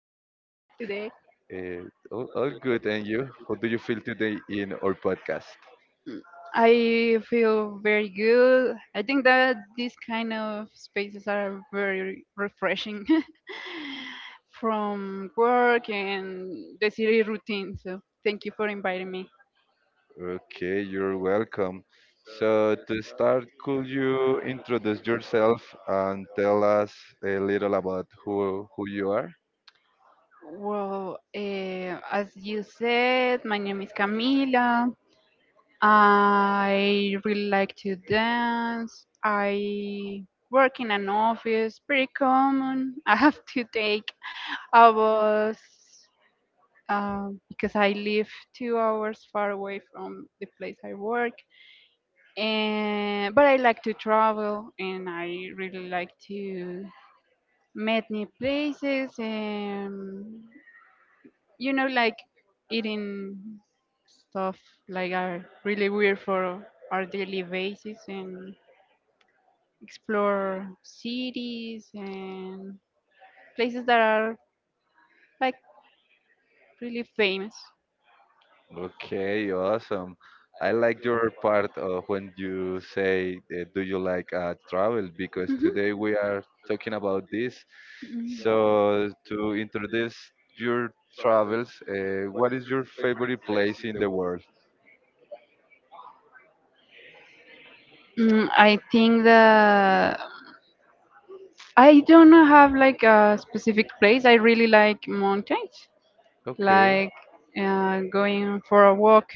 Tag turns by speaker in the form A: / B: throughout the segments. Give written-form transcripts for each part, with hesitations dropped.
A: All good, and you? How do you feel today in our podcast?
B: I feel very good. I think that these kind of spaces are very refreshing from work and the city routine. So thank you for inviting me.
A: Okay, you're welcome. So to start, could you introduce yourself and tell us a little about who you are?
B: Well, as you said, my name is Camila. I really like to dance. I work in an office, pretty common. I have to take I was because I live 2 hours far away from the place I work, and but I like to travel and I really like to meet new places and, you know, like eating stuff like are really weird for our daily basis, and explore cities and places that are, like, really famous.
A: Okay, awesome. I like your part when you say, "Do you like travel?" Because
B: Hmm.
A: today we are talking about this.
B: mm
A: So, to introduce your travels, what is your favorite place in the world?
B: Mm, I think that I don't have like a specific place. I really like mountains,
A: Okay,
B: like going for a walk,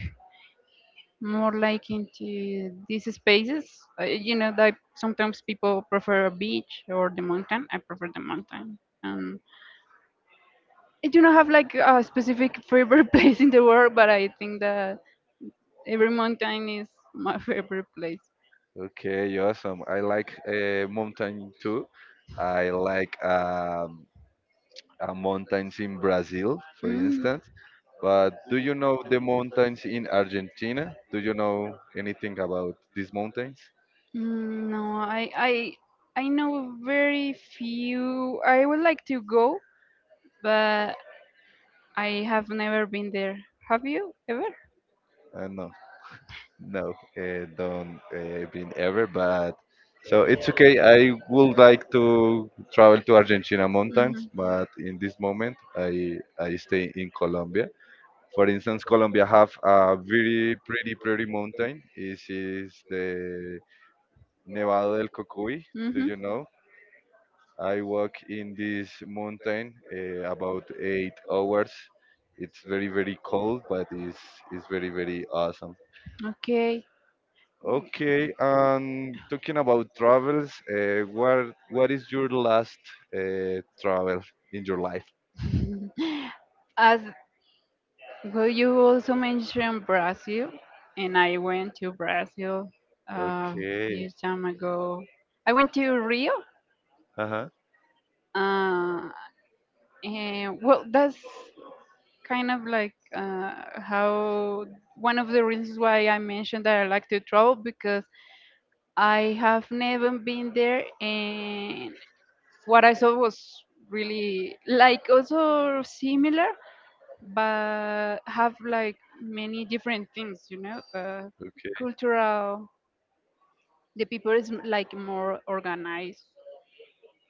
B: more like into these spaces. You know, that sometimes people prefer a beach or the mountain. I prefer the mountain. Um, I do not have like a specific favorite place in the world, but I think that every mountain is my favorite place.
A: okay, awesome. I like mountain too. I like mountains in Brazil, for
B: Mm,
A: instance. But do you know the mountains in Argentina? Do you know anything about these mountains?
B: mm, no, I know very few. I would like to go, but I have never been there. Have you ever?
A: No, no, don't been ever. But so it's okay. I would like to travel to Argentina mountains,
B: Mm-hmm.
A: but in this moment, I stay in Colombia. For instance, Colombia have a very pretty, pretty mountain. It is the Nevado del Cocuy. Do
B: Mm-hmm.
A: you know? I walk in this mountain about 8 hours. It's very very cold, but it's very very awesome.
B: Okay.
A: Okay, and talking about travels, what is your last travel in your life?
B: As well, you also mentioned Brazil, and I went to Brazil uh, a few
A: Okay,
B: time ago. I went to Rio,
A: uh huh.
B: uh, and well, that's kind of like how one of the reasons why I mentioned that I like to travel, because I have never been there, and what I saw was really like also similar, but have like many different things, you know, the
A: Okay,
B: cultural, the people is like more organized,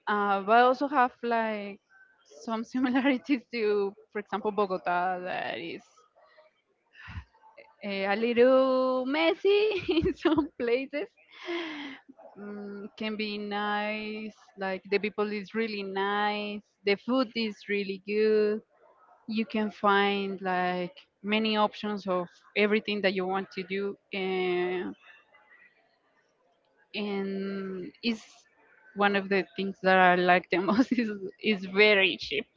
B: but also have like some similarities to, for example, Bogota, that is a little messy in some places. Mm, can be nice, like the people is really nice, the food is really good, you can find like many options of everything that you want to do, and it's one of the things that I like the most is very cheap.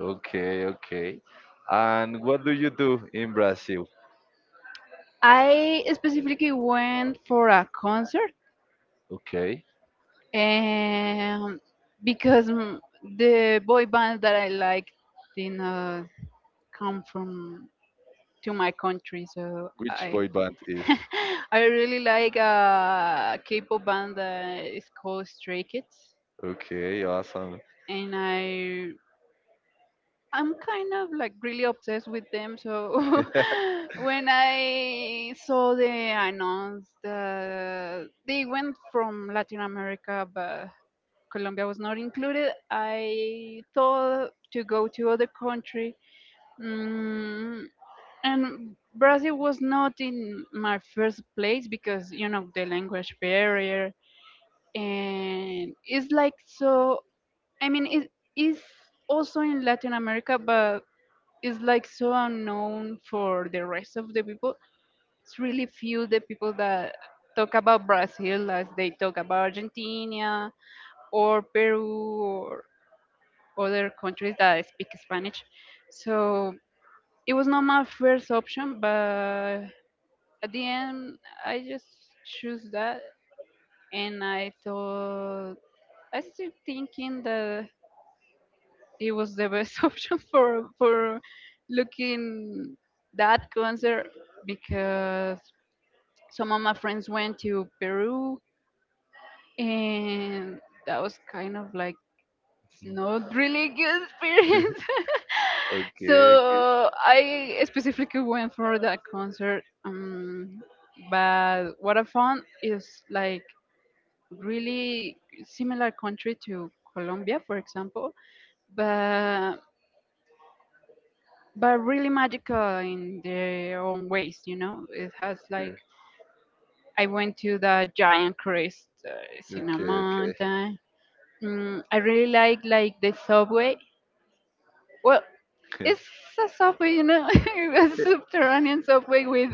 A: okay, okay. And what do you do in Brazil?
B: I specifically went for a concert,
A: Okay,
B: and because mm, the boy band that I like did not come from to my country, so
A: which
B: I.
A: boy band is?
B: I really like a K-pop band that is called Stray Kids,
A: Okay, awesome.
B: and I'm kind of like really obsessed with them. So when I saw the announce that they went from Latin America, but Colombia was not included, I thought to go to other country. Mm, and Brazil was not in my first place because, you know, the language barrier, and it's like so, I mean it is also in Latin America, but it's like so unknown for the rest of the people. It's really few the people that talk about Brazil as they talk about Argentina or Peru or other countries that speak Spanish. So it was not my first option, but at the end I just choose that, and I thought, I still thinking that it was the best option for looking that concert, because some of my friends went to Peru, and that was kind of like not really good experience.
A: Okay, okay,
B: So I specifically went for that concert. But what I found is like really similar country to Colombia, for example, but but really magical in their own ways. You know, it has like,
A: okay,
B: I went to the giant crest, it's in a
A: okay, okay.
B: mountain. Mm, I really like the subway. Well, it's a subway, you know, a subterranean subway with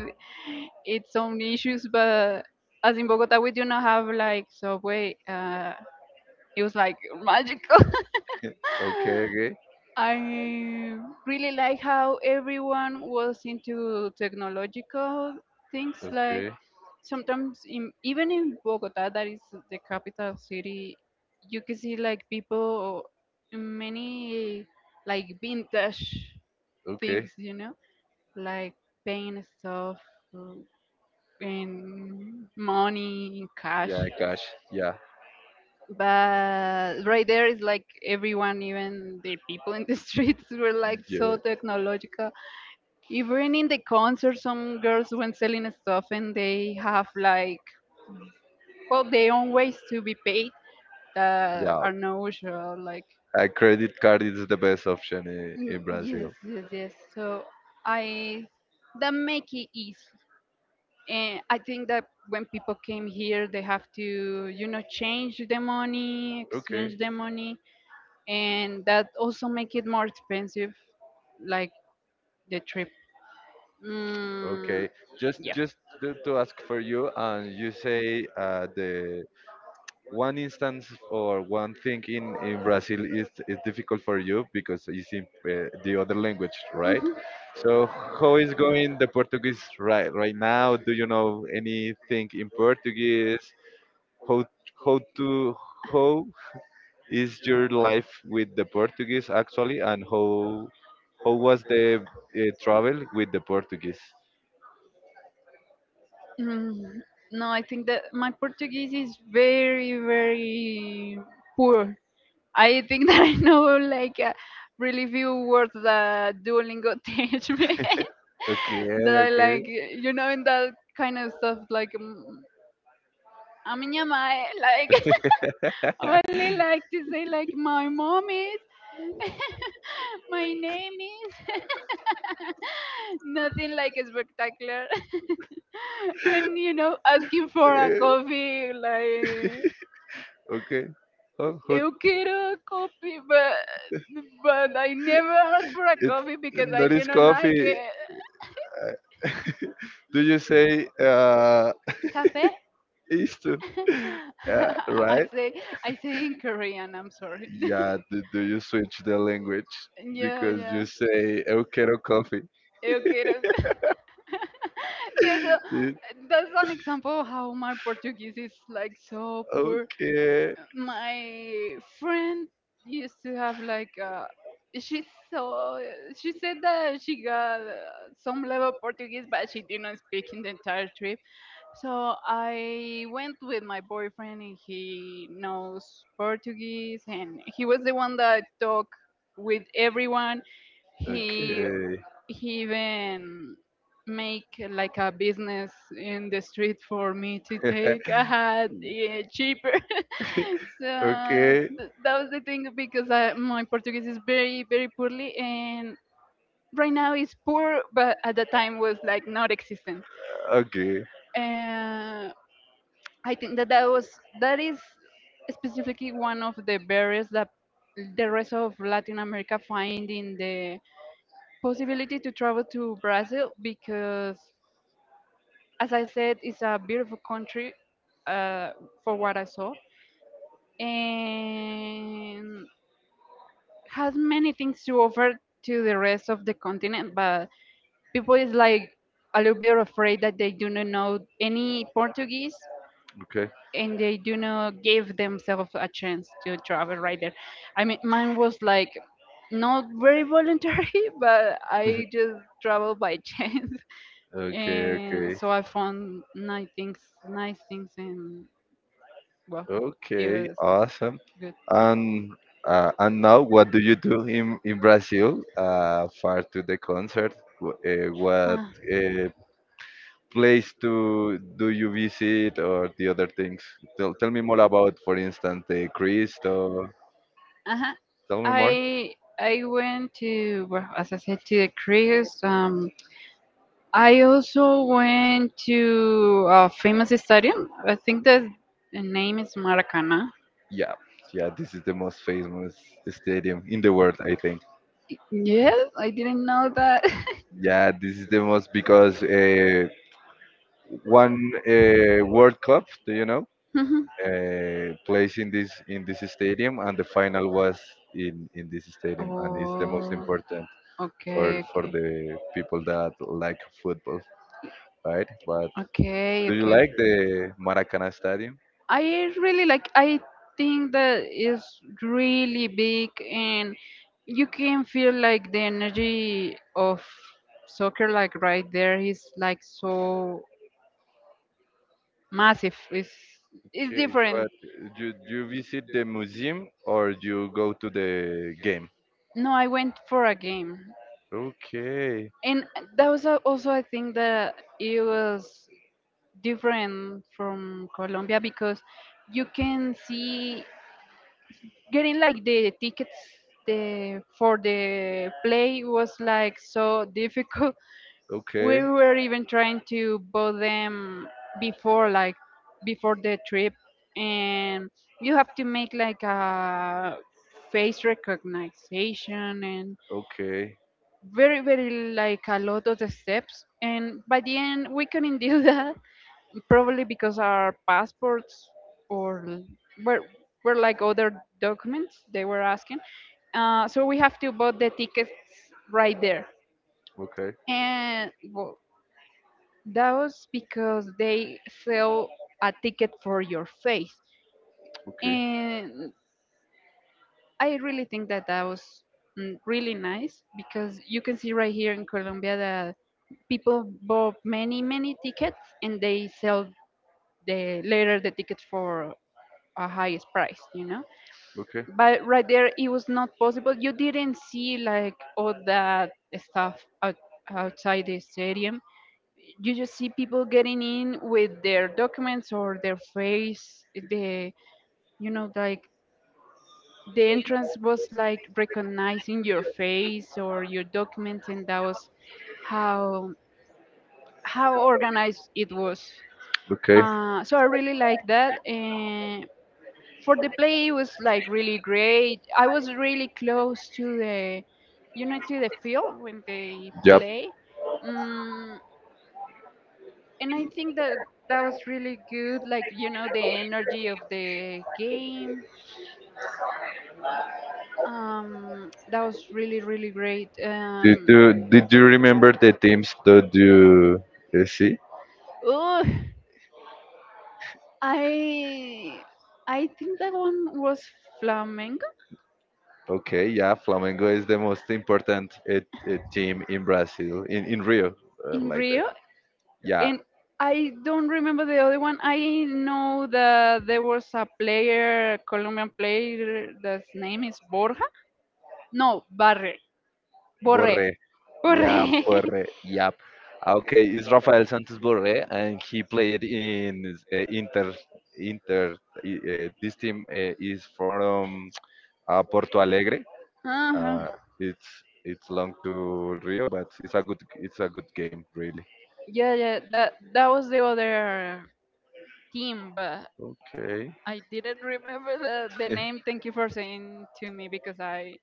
B: its own issues. But as in Bogota we do not have like subway, it was like magical.
A: Okay, okay,
B: I really like how everyone was into technological things. Like
A: okay,
B: sometimes, even in Bogota, that is the capital city, you can see like people, many like vintage
A: okay.
B: things, you know, like paying stuff uh, in money, in cash.
A: Yeah, cash. Yeah,
B: But right there is like everyone, even the people in the streets, were like
A: yeah,
B: so technological. Even in the concert, some girls when selling stuff, and they have like, well, their own ways to be paid that
A: yeah.
B: are no usual. Like
A: A credit card is the best option in,
B: mm,
A: in
B: yes,
A: Brazil.
B: yes, yes. So I, that make it easy. And I think that when people came here, they have to, you know, change the money, exchange
A: Okay,
B: the money, and that also make it more expensive, like the trip. Mm,
A: okay. Just,
B: yeah.
A: just to ask for you, and you say the one instance or one thing in Brazil is difficult for you because it's in the other language, right? So how is going the Portuguese right now? Do you know anything in Portuguese? how how to how is your life with the Portuguese actually, and how was the travel with the Portuguese?
B: Mm, no, I think that my Portuguese is very, very poor. I think that I know like really few words that Duolingo teach me.
A: Okay,
B: That I like,
A: okay,
B: you know, in that kind of stuff, like, mm, a minha mãe, like, only like to say, like, my mom is, my name is, nothing like spectacular. And, you know, asking for a
A: Eh,
B: coffee, like,
A: okay. Oh,
B: you get a coffee, but I never asked for a
A: it
B: coffee because I
A: not is
B: didn't like
A: coffee.
B: it.
A: Do you say
B: Cafe?
A: isto?
B: I
A: Right?
B: say I say in Korean. I'm sorry.
A: Yeah. Do you switch the language
B: Yeah,
A: because you
B: yeah.
A: say eu quero coffee?
B: You get a. Yeah, so
A: It-
B: that's an example of how my Portuguese is like so poor.
A: okay.
B: My friend used to have like she saw she said that she got some level Portuguese, but she didn't speak in the entire trip. So I went with my boyfriend, and he knows Portuguese, and he was the one that talked with everyone. he
A: Okay.
B: he even make like a business in the street for me to take a hat, yeah, cheaper.
A: Okay.
B: so
A: Okay.
B: th- that was the thing because I, my Portuguese is very very poorly, and right now is poor, but at the time was like not existent.
A: Okay.
B: uh, I think that that was that is specifically one of the barriers that the rest of Latin America find in the possibility to travel to Brazil, because, as I said, it's a beautiful country, uh, for what I saw, and has many things to offer to the rest of the continent. But people is like a little bit afraid that they do not know any Portuguese, and they do not give themselves a chance to travel right there. I mean, mine was like not very voluntary, but I just traveled by chance.
A: Okay.
B: And
A: Okay.
B: so I found nice things and. Well, it
A: Okay.
B: was
A: Awesome.
B: good.
A: And and now, what do you do in Brazil? Far to the concert, what
B: Uh
A: uh, place to do you visit or the other things? Tell me more about, for instance, the Cristo.
B: huh.
A: Tell me more.
B: I I went to, well, as I said, to the cruise. I also went to a famous stadium. I think that the name is Maracana.
A: Yeah, yeah, this is the most famous stadium in the world, I think.
B: Yes, I didn't know that.
A: Yeah, this is the most because one World Cup, do you know,
B: Mhm.
A: plays in this stadium, and the final was in this stadium, and it's the most
B: Oh,
A: important for
B: okay,
A: for
B: okay,
A: the people that like football, right? But
B: okay,
A: Do you
B: okay.
A: like the Maracanã Stadium?
B: I really like. I think that is really big, and you can feel like the energy of soccer, like right there is like so massive. It's
A: Okay,
B: different.
A: but you do you visit the museum or you go to the game?
B: No, I went for a game.
A: Okay,
B: And that was also I think that it was different from Colombia, because you can see getting like the tickets, the for the play was like so difficult. We
A: okay.
B: were even trying to buy them before like before the trip, and you have to make like a face recognition, and
A: Okay,
B: very very like a lot of the steps, and by the end we couldn't do that, probably because our passports or l- were like other documents they were asking. So we have to buy the tickets right there,
A: okay,
B: and well, that was because they sell a ticket for your face.
A: okay,
B: And I really think that that was, mm, really nice, because you can see right here in Colombia that people bought many, many tickets, and they sell the tickets for a highest price, you know.
A: okay.
B: But right there, it was not possible. You didn't see like all that stuff outside the stadium. You just see people getting in with their documents or their face, the, you know, like the entrance was like recognizing your face or your documents, and that was how how organized it was.
A: Okay.
B: So I really like that. And for the play it was like really great. I was really close to the, you know, to the field when they
A: Yep.
B: play. Mm, and I think that that was really good, like, you know, the energy of the game. That was really really great.
A: Did you, did you remember the teams that you see?
B: Oh, I I think that one was Flamengo
A: Okay, yeah, Flamengo is the most important team in Brazil, in Rio,
B: in
A: like that.
B: Rio,
A: Yeah,
B: and I don't remember the other one. I know that there was a player, Colombian player, that's name is Borja. No, Barre, Borre,
A: Borré. Yeah,
B: Borre.
A: Borre. Yep. Ah, okay, it's Rafael Santos Borre, and he played in Inter. Inter. This team is from Porto Alegre.
B: Uh-huh.
A: Uh, it's long to Rio, but it's a good game, really.
B: Yeah, yeah, that that was the other team, but
A: Okay.
B: I didn't remember the name. Thank you for saying to me, because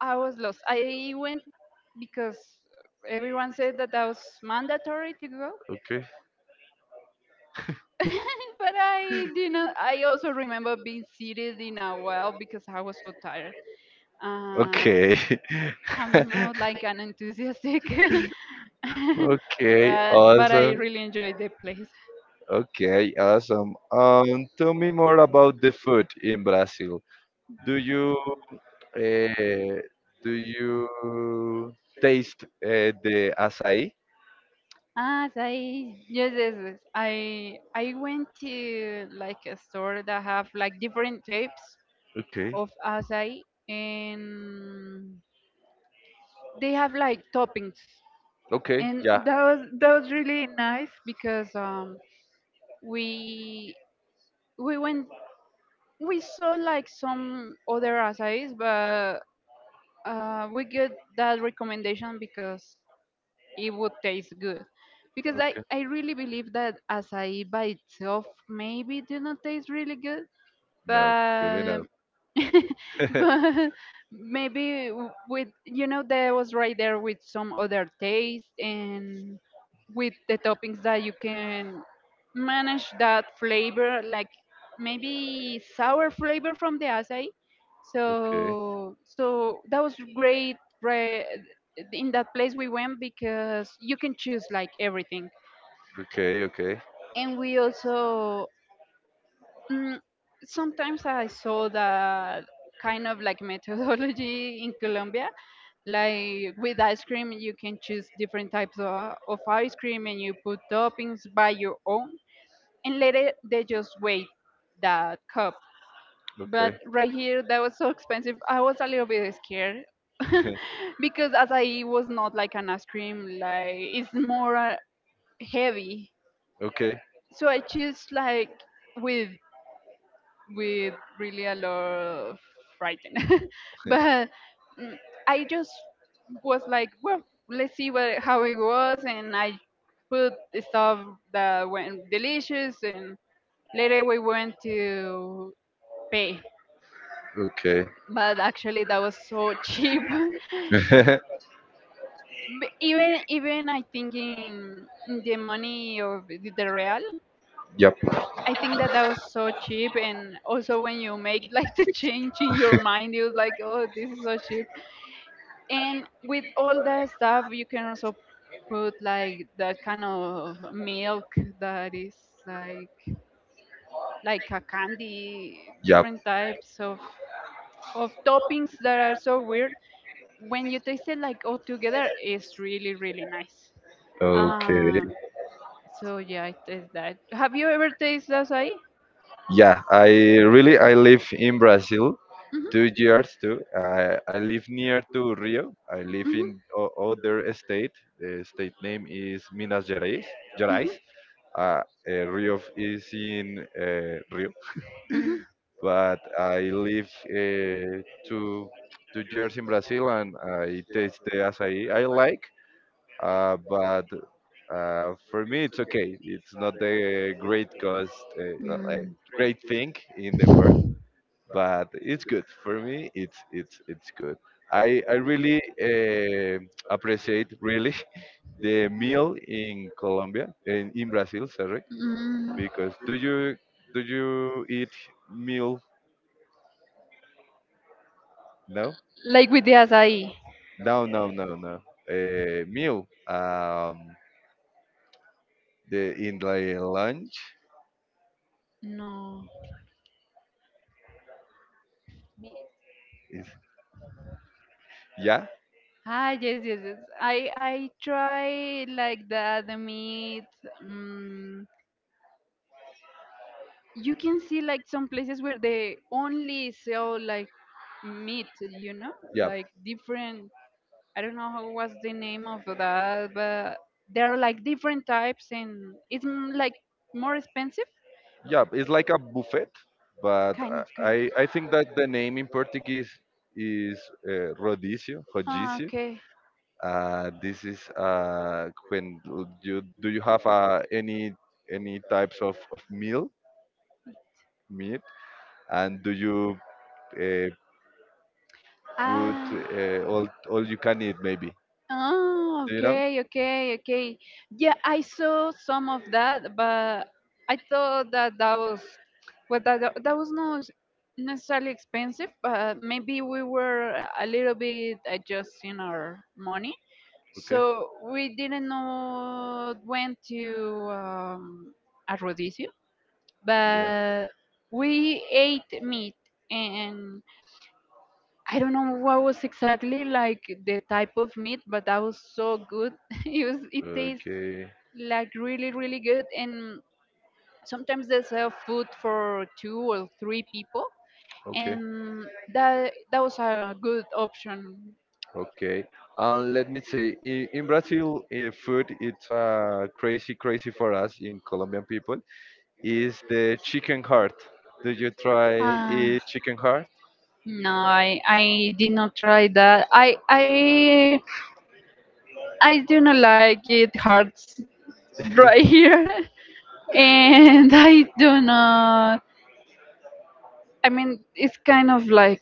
B: I was lost. I went because everyone said that that was mandatory to go,
A: Okay.
B: but I didn't. I also remember being seated in a well, because I was so tired. Uh,
A: Okay.
B: I'm not like an enthusiastic,
A: Okay,
B: but I
A: awesome.
B: really enjoyed the place.
A: Okay, awesome. Tell me more about the food in Brazil. Do you uh, do you taste the açaí?
B: Ah, so I, yes, yes, yes. I went to like a store that have like different types
A: Okay.
B: of acai, and they have like toppings,
A: Okay,
B: and
A: yeah.
B: that was really nice because we we went, we saw like some other acais, but we get that recommendation because it would taste good because i
A: Okay.
B: i really believe that acai by itself maybe did not taste really good,
A: No, really
B: but
A: no. Okay,
B: but maybe with that was right there with some other taste, and with the toppings that you can manage that flavor, like maybe sour flavor from the acai. So that was great, right, in that place we went because you can choose like everything.
A: okay, okay.
B: And we also Mm, sometimes I saw that kind of like methodology in Colombia. Like with ice cream, you can choose different types of ice cream, and you put toppings by your own. And later they just weigh that cup. But
A: Okay.
B: right here, that was so expensive. I was a little bit scared because as I was not like an ice cream, like it's more heavy.
A: Okay.
B: So I choose like with with really a lot of frightened. But mm, I just was like, well, let's see what how it was, and I put stuff that went delicious, and later we went to pay.
A: Okay.
B: But actually, that was so cheap. But even I think in the money of the real,
A: Yep.
B: I think that that was so cheap. And also when you make like the change in your mind, it was like, oh, this is so cheap. And with all the stuff, you can also put like that kind of milk that is like like a candy,
A: Yep.
B: different types of toppings that are so weird. When you taste it like all together, it's really really nice.
A: Okay.
B: Um. So yeah, I taste that. Have you ever tasted acai?
A: Yeah, I really I live in Brazil
B: Mhm.
A: 2 years too. I live near to Rio. I live in other state. The state name is Minas Gerais. Gerais. Uh, Rio is in Rio,
B: Mhm. Mhm.
A: but I live two years in Brazil and I taste the acai I like. But for me it's okay. It's not the great cost, uh, uh, uh,
B: Mhm.
A: great thing in the world, but it's good for me. It's good. I really appreciate really the meal in Colombia in Brazil, sorry,
B: Mm, mm.
A: because do you eat meal? No,
B: Like with the acai.
A: no, no, no, no. Meal. The In the lunch.
B: No.
A: Is- yeah.
B: Ah, yes, yes, yes. I try like the meat. Um, you can see like some places where they only sell like meat, you know,
A: Yeah.
B: like different. I don't know how was the name of that, but there are like different types, and like more expensive.
A: Yeah. It's like a buffet, but
B: Kind of, kind of.
A: I think that the name in Portuguese is rodízio,
B: Ah,
A: rodízio.
B: okay.
A: This is when you do you have any types of meal meat and do you uh, put
B: Ah,
A: all you can eat maybe?
B: oh,
A: Do you know?
B: okay, okay, okay. Yeah, I saw some of that, but I thought that that was, well, that that was not necessarily expensive, but maybe we were a little bit adjusting our money,
A: Okay.
B: so we didn't know when to, a rodizio,
A: Yeah.
B: but we ate meat and. I don't know what was exactly like the type of meat, but that was so good. It was it tastes
A: Okay.
B: like really really good, and sometimes they sell food for two or three people,
A: Okay.
B: and that was a good option.
A: Okay. And let me say, in Brazil, food it's crazy, crazy for us in Colombian people. Is the chicken heart? Do you try
B: Ah.
A: eat chicken heart?
B: No, I did not try that. I do not like it hard right here, and I do not. I mean, it's kind of like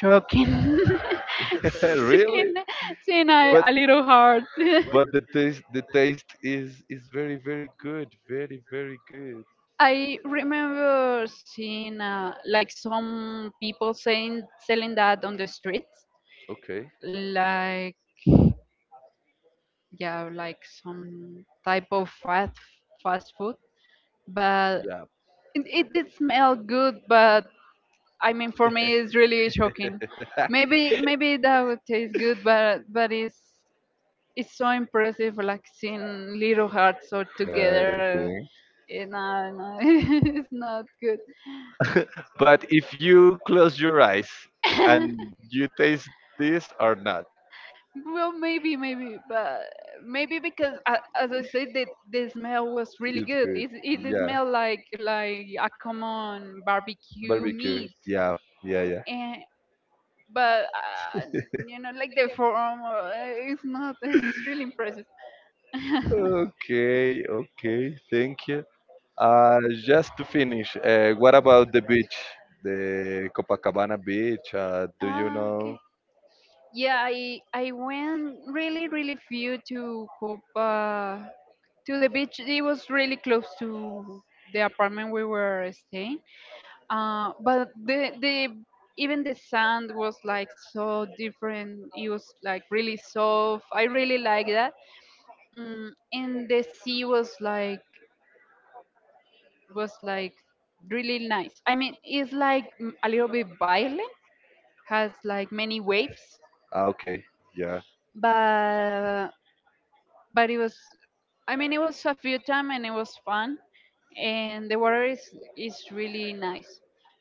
B: choking,
A: Really?
B: seeing, seeing
A: But.
B: a little heart.
A: But the taste is very very good, very very good.
B: I remember seeing like some people saying selling that on the streets,
A: Okay.
B: like, yeah, like some type of fast food. But
A: Yeah.
B: it did smell good, but I mean, for me, it's really shocking. Maybe that would taste good, but it's so impressive, like seeing little hearts all
A: I
B: together.
A: think.
B: No, no, it's not good.
A: But if you close your eyes and you taste this or not,
B: Well, maybe, but maybe because, as I said, the smell was really
A: it's
B: good.
A: good.
B: It
A: Yeah.
B: smelled like a common barbecue
A: Barbecue.
B: meat,
A: Yeah. Yeah. Yeah.
B: and but you know, like the form, it's not. It's really impressive.
A: Okay. Okay. Thank you. Just to finish, what about the beach, the Copacabana beach? Do you
B: Ah,
A: know?
B: okay. Yeah, I went really really few to Copa, to the beach. It was really close to the apartment we were staying. But the even the sand was like so different. It was like really soft. I really like that. Mm, and the sea was like was like really nice. I mean, it's like a little bit violent, has like many waves,
A: Ah, okay, yeah.
B: but it was, I mean, it was a few time and it was fun, and the water is really nice,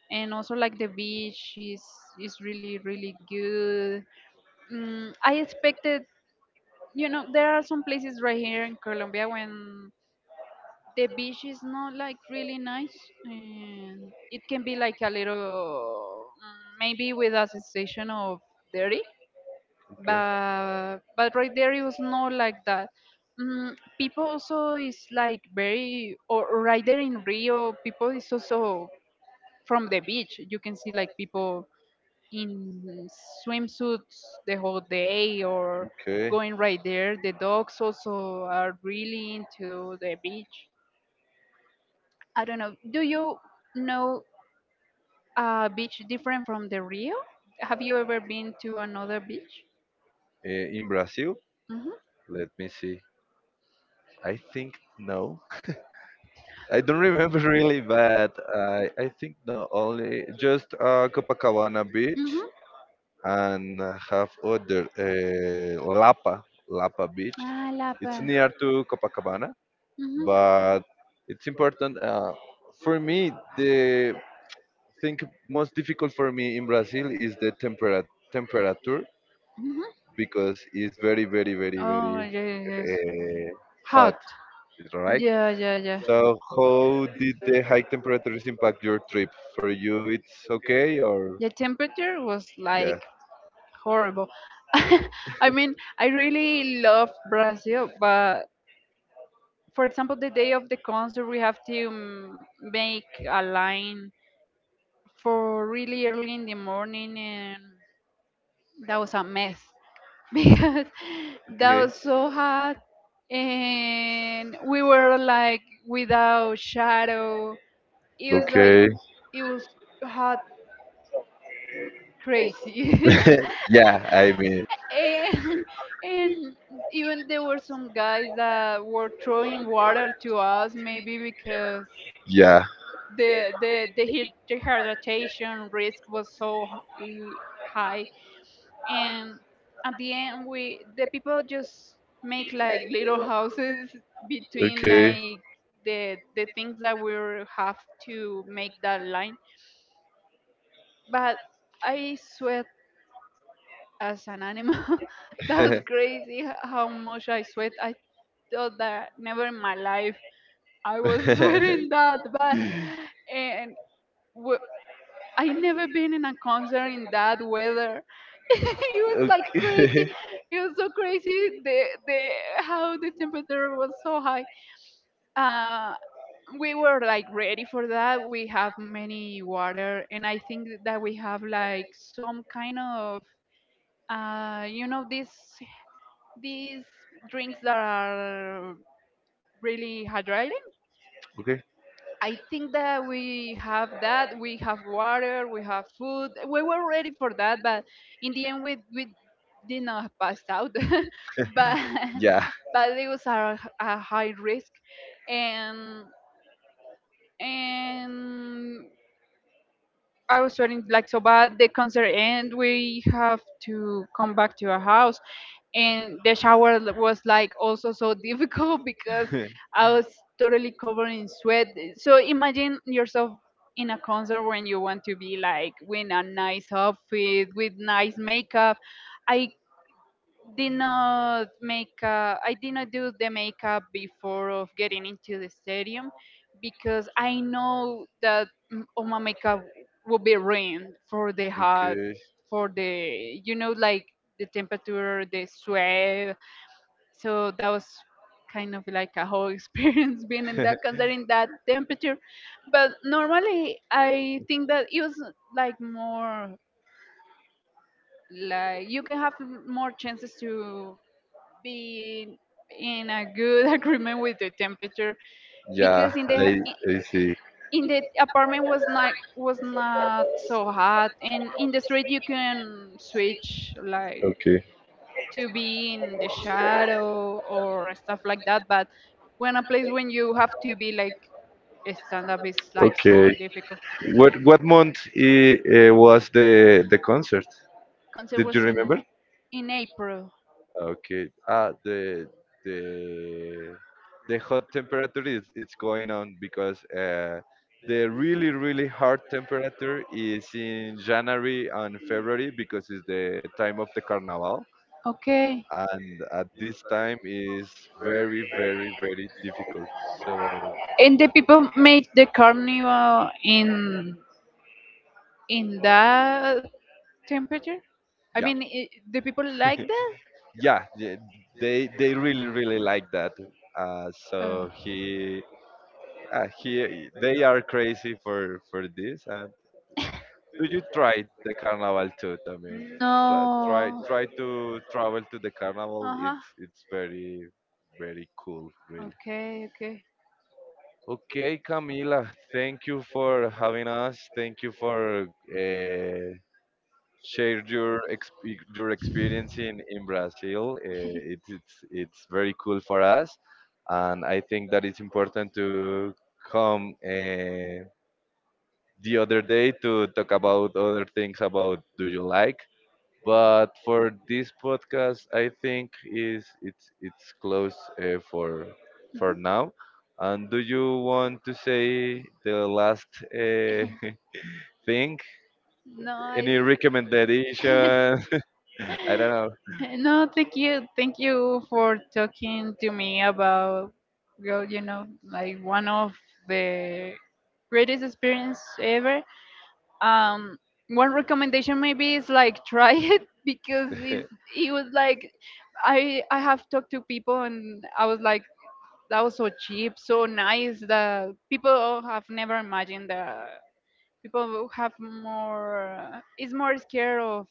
B: and also like the beach is really really good. Mm, I expected, you know, there are some places right here in Colombia when the beach is not like really nice, and it can be like a little, mm, maybe with a sensation of dirty,
A: Okay.
B: but right there it was not like that. Mm, people also is like very, or right there in Rio, people is also from the beach. You can see like people in swimsuits the whole day, or
A: Okay.
B: going right there. The dogs also are really into the beach. I don't know. Do you know a beach different from the Rio? Have you ever been to another beach?
A: In Brazil,
B: Mhm.
A: let me see. I think no. I don't remember really, but I think no, only just Copacabana Beach
B: Mhm.
A: and have other Lapa Beach.
B: Ah, La
A: It's
B: Paz.
A: near to Copacabana,
B: Mhm.
A: but it's important for me. The thing most difficult for me in Brazil is the temperature
B: Mhm.
A: because it's very very very
B: Oh,
A: very
B: yes, yes.
A: uh,
B: Hot.
A: hot, right?
B: Yeah, yeah, yeah.
A: So, how did the high temperatures impact your trip? For you, it's okay, or
B: The temperature was
A: yeah,
B: like horrible. I mean, I really love Brazil, but for example, the day of the concert, we have to, make a line for really early in the morning, and that was a mess because that
A: okay,
B: was so hot, and we were like without shadow. It was like
A: okay,
B: it was hot, crazy.
A: yeah. I mean,
B: And, and even there were some guys that were throwing water to us, maybe because
A: yeah.
B: the heat dehydration risk was so high, and at the end we, the people, just make like little houses between
A: Okay.
B: like the things that we have to make that line. But I sweat as an animal. That was crazy how much I sweat. I thought that never in my life I was sweating that bad, and I never been in a concert in that weather. It was like crazy.
A: Okay.
B: It was so crazy. The how the temperature was so high. Uh, we were like ready for that. We have many water, and I think that we have like some kind of, you know, these drinks that are really hydrated.
A: Okay.
B: I think that. We have water. We have food. We were ready for that, but in the end, we did not pass out. But
A: Yeah.
B: but it was a high risk, and and I was sweating like so bad. The concert end. We have to come back to our house, and the was like also so difficult because I was totally covered in sweat. So imagine yourself in a concert when you want to be like with a nice outfit, with nice makeup. I did not make I did not do the makeup before of getting into the stadium because I know that, mm, all my makeup will be ruined for the hot,
A: Okay.
B: for the, you know, like the temperature, the sweat. So that was kind of like a whole experience being in that considering that temperature, but normally I think that it was like more like you can have more chances to be in a good agreement with the temperature
A: yeah,
B: because in
A: I
B: the
A: I see.
B: apartment was not so hot, and in the street you can switch like
A: Okay.
B: to be in the shadow or stuff like that. But when a place when you have to be like stand up is like so
A: Okay.
B: difficult.
A: What month was the concert?
B: Concert
A: Did you
B: was
A: remember?
B: in april.
A: Okay. Ah, the the hot temperature is it's going on because the really really hard temperature is in January and February because it's the time of the carnival,
B: Okay.
A: and at this time is very very very difficult. So
B: And the people make the carnival in that temperature? I
A: yeah,
B: mean, I do people like that?
A: yeah, yeah, they really really like that.
B: Uh,
A: So he they are crazy for this. And do you try the carnival too? I mean, try try,
B: no.
A: try to travel to the
B: Uh
A: carnival.
B: huh.
A: It's very very cool, really.
B: Okay, okay.
A: Okay, Camila, thank you for having us. Thank you for share your your experience in Brazil. Uh, it's it's it's very cool for us, and I think that it's important to come. The other day to talk about other things about do you like. But for this podcast, I think is it's close uh, for for now. And do you want to say the last uh, thing?
B: No, I.
A: Any recommendation? I don't know.
B: No, thank you for talking to me about, well, you know, like one of the greatest experience ever. um One recommendation maybe is like try it because it's, it was like, I have talked to people and I was like that was so cheap, so nice, that people have never imagined that. People who have more is more scared of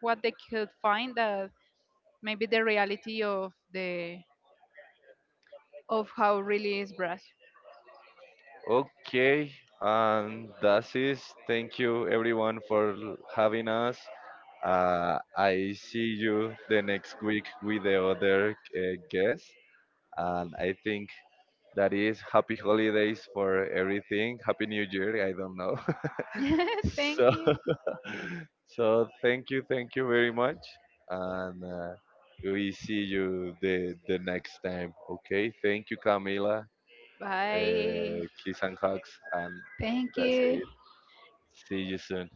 B: what they could find, that maybe the reality of the of how really is brush.
A: Okay, and that's it. Thank you everyone for having us. I see you the next week with the other guest. And I think that is happy holidays for everything. Happy New Year. I don't know.
B: Thank
A: So
B: you.
A: so thank you very much, and we see you the next time. Okay, thank you, Camila.
B: Bye.
A: Kiss and hugs, and
B: Thank
A: that's
B: you.
A: it. See you soon.